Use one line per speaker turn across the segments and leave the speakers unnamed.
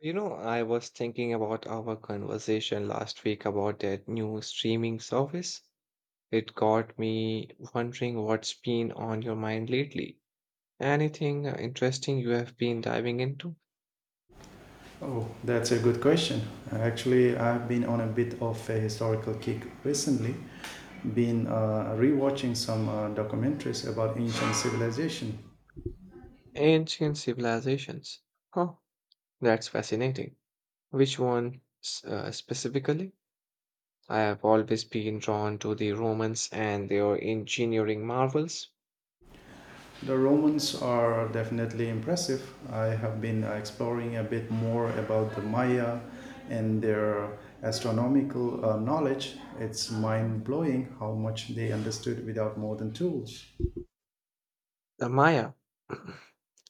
You know, I was thinking about our conversation last week about that new streaming service. It got me wondering what's been on your mind lately. Anything interesting you have been diving into?
Oh, that's a good question. Actually, I've been on a bit of a historical kick recently. Been rewatching some documentaries about ancient civilization.
Ancient civilizations. Huh, that's fascinating. Which one specifically? I have always been drawn to the Romans and their engineering marvels.
The Romans are definitely impressive. I have been exploring a bit more about the Maya and their astronomical knowledge. It's mind blowing how much they understood without modern tools.
The Maya.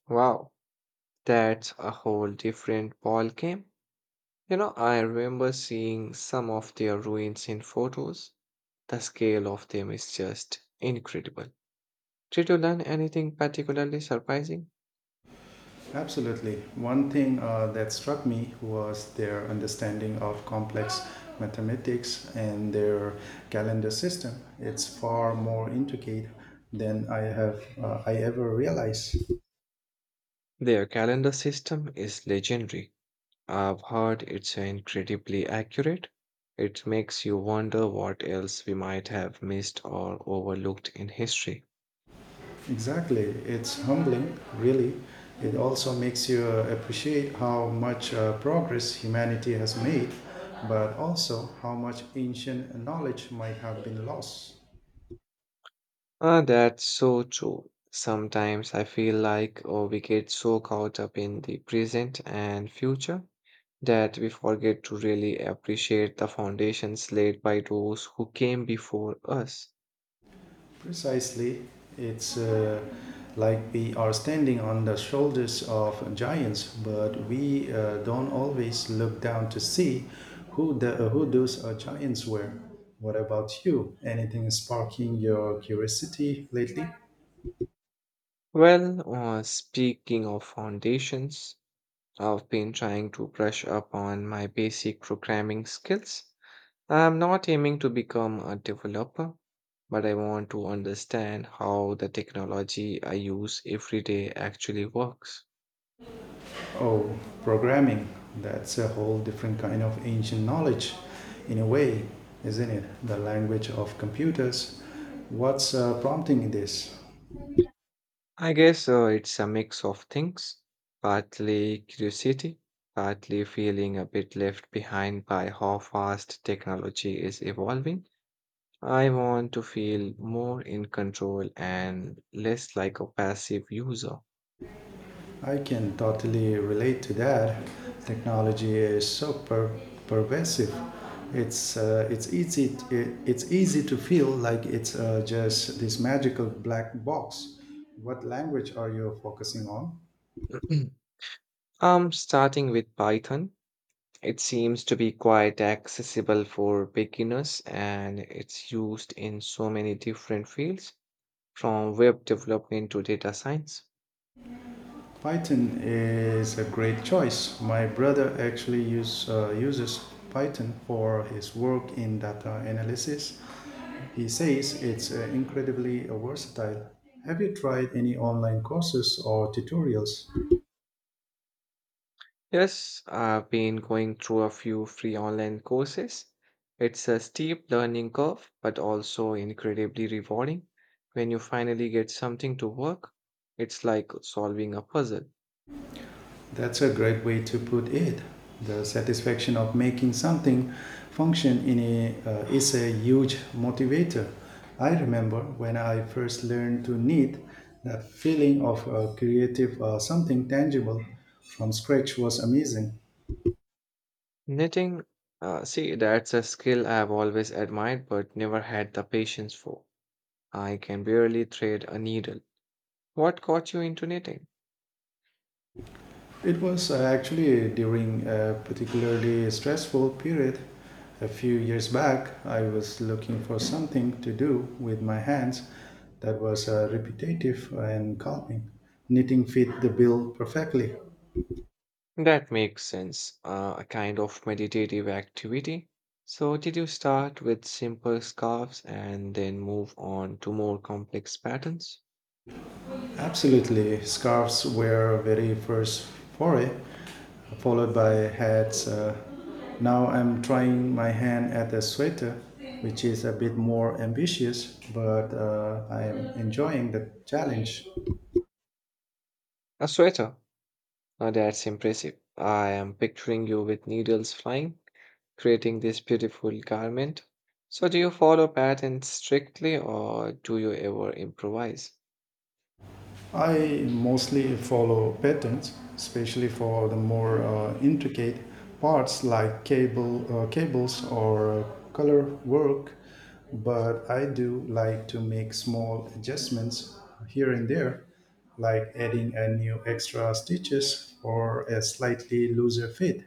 Wow, that's a whole different ballgame. You know, I remember seeing some of their ruins in photos. The scale of them is just incredible. Did you learn anything particularly surprising?
Absolutely. One thing that struck me was their understanding of complex mathematics and their calendar system. It's far more intricate than I ever realized.
Their calendar system is legendary. I've heard it's incredibly accurate. It makes you wonder what else we might have missed or overlooked in history.
Exactly. It's humbling, really. It also makes you appreciate how much progress humanity has made, but also how much ancient knowledge might have been lost.
Ah, that's so true. Sometimes I feel like we get so caught up in the present and future that we forget to really appreciate the foundations laid by those who came before us.
Precisely, it's like we are standing on the shoulders of giants, but we don't always look down to see who those giants were. What about you? Anything sparking your curiosity lately?
Well, speaking of foundations, I've been trying to brush up on my basic programming skills. I'm not aiming to become a developer, but I want to understand how the technology I use every day actually works.
Oh, programming. That's a whole different kind of ancient knowledge, in a way, isn't it? The language of computers. What's prompting this?
I guess it's a mix of things, partly curiosity, partly feeling a bit left behind by how fast technology is evolving. I want to feel more in control and less like a passive user.
I can totally relate to that. Technology is so pervasive. It's easy to feel like it's just this magical black box. What language are you focusing on?
Starting with Python, it seems to be quite accessible for beginners and it's used in so many different fields from web development to data science.
Python is a great choice. My brother actually uses Python for his work in data analysis. He says it's incredibly versatile. Have you tried any online courses or tutorials?
Yes, I've been going through a few free online courses. It's a steep learning curve, but also incredibly rewarding. When you finally get something to work, it's like solving a puzzle.
That's a great way to put it. The satisfaction of making something function in a is a huge motivator. I remember when I first learned to knit, that feeling of creative something tangible from scratch was amazing.
Knitting, see, that's a skill I've always admired but never had the patience for. I can barely thread a needle. What got you into knitting?
It was actually during a particularly stressful period. A few years back, I was looking for something to do with my hands that was repetitive and calming. Knitting fit the bill perfectly.
That makes sense. A kind of meditative activity. So, did you start with simple scarves and then move on to more complex patterns?
Absolutely, scarves were a very first foray, followed by hats. Now I'm trying my hand at a sweater, which is a bit more ambitious, but I'm enjoying the challenge.
A sweater. Now, that's impressive. I am picturing you with needles flying, creating this beautiful garment. So, do you follow patterns strictly or do you ever improvise?
I mostly follow patterns, especially for the more intricate parts like cables or color work, but I do like to make small adjustments here and there, like adding a new extra stitches or a slightly looser fit.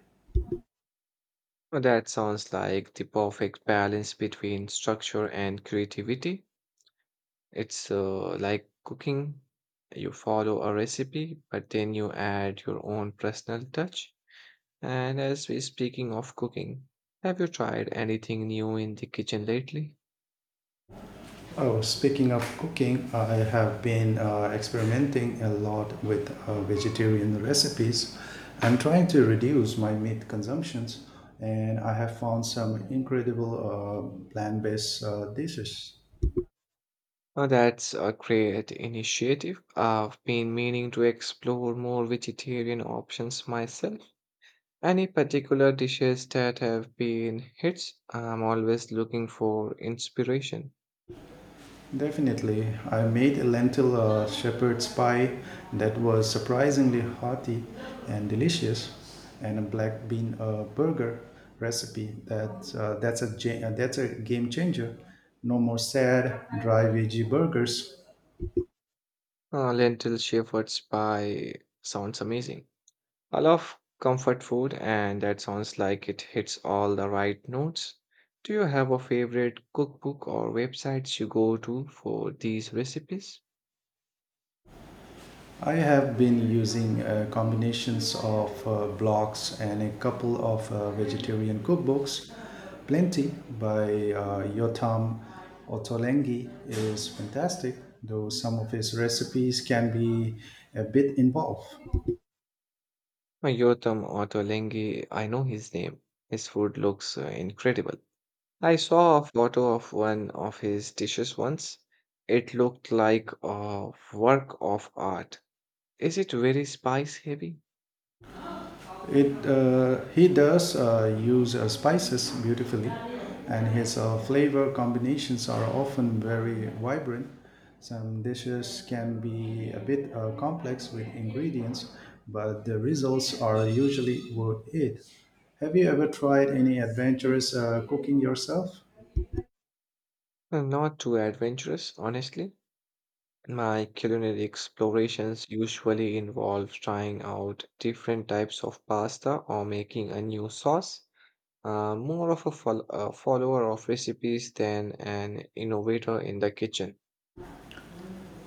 Now, that sounds like the perfect balance between structure and creativity. It's like cooking. You follow a recipe, but then you add your own personal touch. And as we're speaking of cooking, have you tried anything new in the kitchen lately?
Oh, speaking of cooking, I have been experimenting a lot with vegetarian recipes. I'm trying to reduce my meat consumptions, and I have found some incredible plant-based dishes.
Oh, that's a great initiative. I've been meaning to explore more vegetarian options myself. Any particular dishes that have been hits? I'm always looking for inspiration.
Definitely. I made a lentil shepherd's pie that was surprisingly hearty and delicious, and a black bean burger recipe that's a game changer. No more sad dry veggie burgers.
Lentil shepherd's pie sounds amazing. I love comfort food, and that sounds like it hits all the right notes. Do you have a favorite cookbook or websites you go to for these recipes?
I have been using combinations of blogs and a couple of vegetarian cookbooks. Plenty by Yotam Ottolenghi is fantastic, though some of his recipes can be a bit involved.
Yotam Ottolenghi, I know his name. His food looks incredible. I saw a photo of one of his dishes once. It looked like a work of art. Is it very spice heavy?
It He does use spices beautifully, and his flavor combinations are often very vibrant. Some dishes can be a bit complex with ingredients, but the results are usually worth it. Have you ever tried any adventurous cooking yourself?
Not too adventurous, honestly. My culinary explorations usually involve trying out different types of pasta or making a new sauce. More of a follower of recipes than an innovator in the kitchen.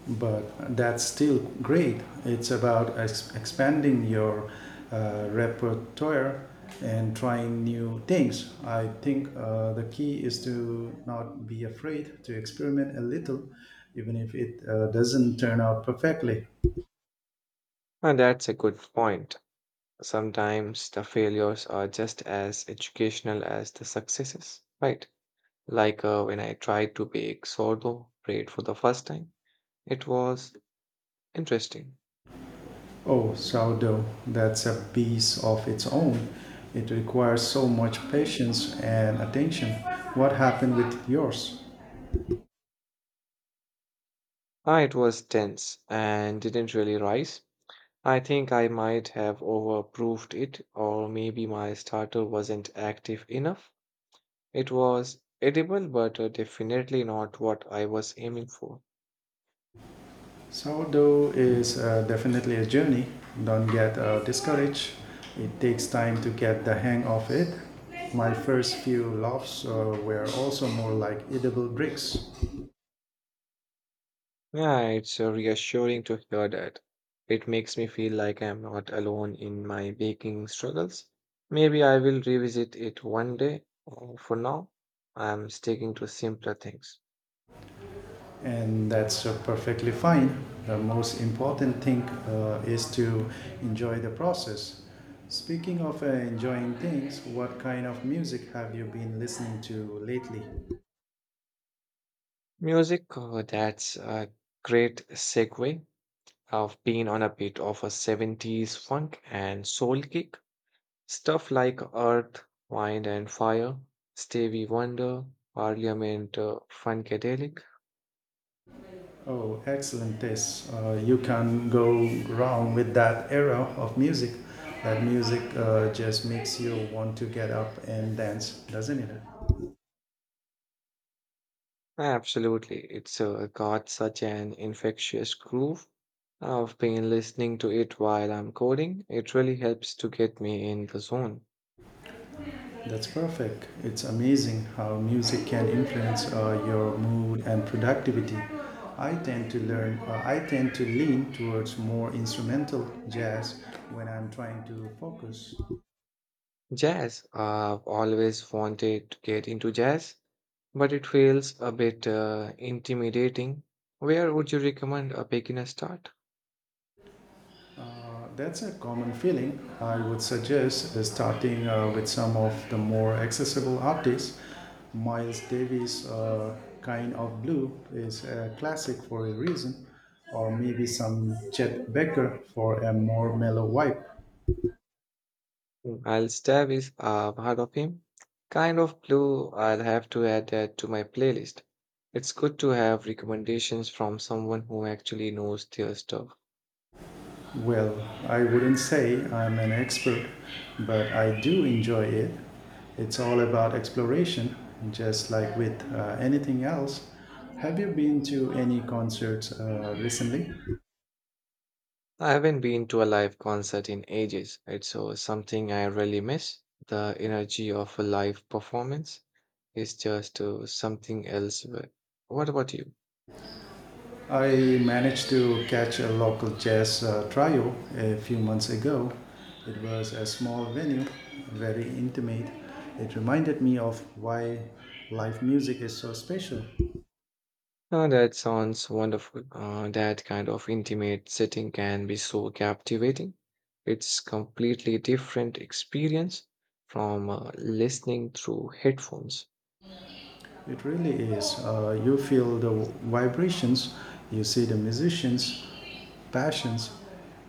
But that's still great. It's about expanding your repertoire and trying new things. I think the key is to not be afraid to experiment a little, even if it doesn't turn out perfectly.
And that's a good point. Sometimes the failures are just as educational as the successes, right? Like when I tried to bake sourdough bread for the first time, it was interesting.
Oh, sourdough, that's a beast of its own. It requires so much patience and attention. What happened with yours?
Ah, it was dense and didn't really rise. I think I might have overproofed it, or maybe my starter wasn't active enough. It was edible, but definitely not what I was aiming for.
Sourdough is definitely a journey. Don't get discouraged. It takes time to get the hang of it. My first few loaves were also more like edible bricks,
Yeah, it's reassuring to hear that. It makes me feel like I'm not alone in my baking struggles. Maybe I will revisit it one day. For now, I'm sticking to simpler things.
and that's perfectly fine. The most important thing is to enjoy the process. Speaking of enjoying things, what kind of music have you been listening to lately?
Music, that's a great segue. I've been on a bit of a 70s funk and soul kick. Stuff like Earth, Wind and Fire, Stevie Wonder, Parliament Funkadelic.
Oh, excellent taste. You can go wrong with that era of music. That music just makes you want to get up and dance, doesn't it?
Absolutely, it's got such an infectious groove. I've been listening to it while I'm coding. It really helps to get me in the zone.
That's perfect. It's amazing how music can influence your mood and productivity. I tend to lean towards more instrumental jazz when I'm trying to focus.
Jazz, I've always wanted to get into jazz, but it feels a bit intimidating. Where would you recommend a beginner start?
That's a common feeling. I would suggest starting with some of the more accessible artists. Miles Davis' Kind of Blue is a classic for a reason, or maybe some Chet Baker for a more mellow vibe.
Mm. I'll stab his heart of him. Kind of Blue, I'll have to add that to my playlist. It's good to have recommendations from someone who actually knows their stuff.
Well, I wouldn't say I'm an expert, but I do enjoy it. It's all about exploration, just like with anything else. Have you been to any concerts recently?
I haven't been to a live concert in ages. It's something I really miss. The energy of a live performance is just something else. What about you?
I managed to catch a local jazz trio a few months ago. It was a small venue, very intimate. It reminded me of why live music is so special.
Oh, that sounds wonderful. That kind of intimate setting can be so captivating. It's completely different experience from listening through headphones.
It really is. You feel the vibrations, you see the musicians' passions.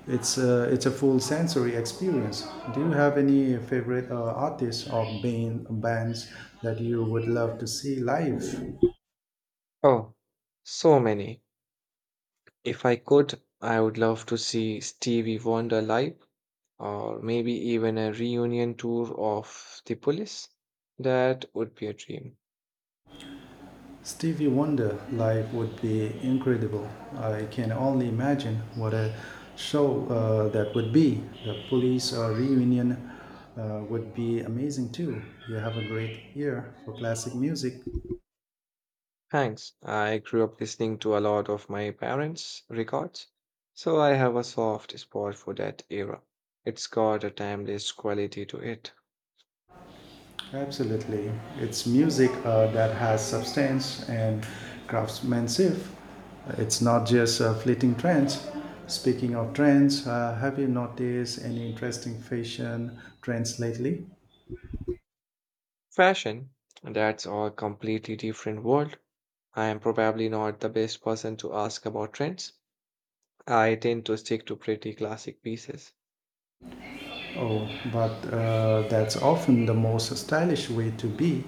It's a full sensory experience. Do you have any favorite artists or bands that you would love to see live?
Oh, so many. If I could, I would love to see Stevie Wonder live, or maybe even a reunion tour of The Police. That would be a dream.
Stevie Wonder live would be incredible. I can only imagine what a show that would be. The police reunion would be amazing too. You have a great ear for classic music.
Thanks. I grew up listening to a lot of my parents' records, so I have a soft spot for that era. It's got a timeless quality to it.
Absolutely. It's music that has substance and craftsmanship. It's not just fleeting trends. Speaking of trends, have you noticed any interesting fashion trends lately?
Fashion, that's a completely different world. I am probably not the best person to ask about trends. I tend to stick to pretty classic pieces.
Oh, but that's often the most stylish way to be.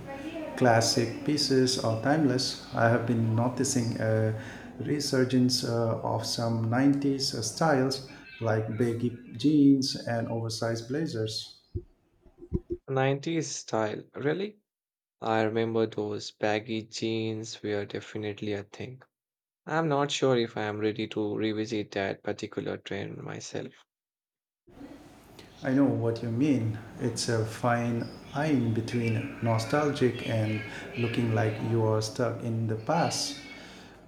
Classic pieces are timeless. I have been noticing a resurgence of some 90s styles like baggy jeans and oversized blazers.
90s style, really? I remember those baggy jeans were definitely a thing. I'm not sure if I am ready to revisit that particular trend myself.
I know what you mean. It's a fine line between nostalgic and looking like you are stuck in the past.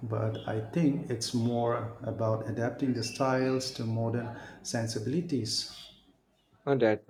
But I think it's more about adapting the styles to modern sensibilities.
Oh, that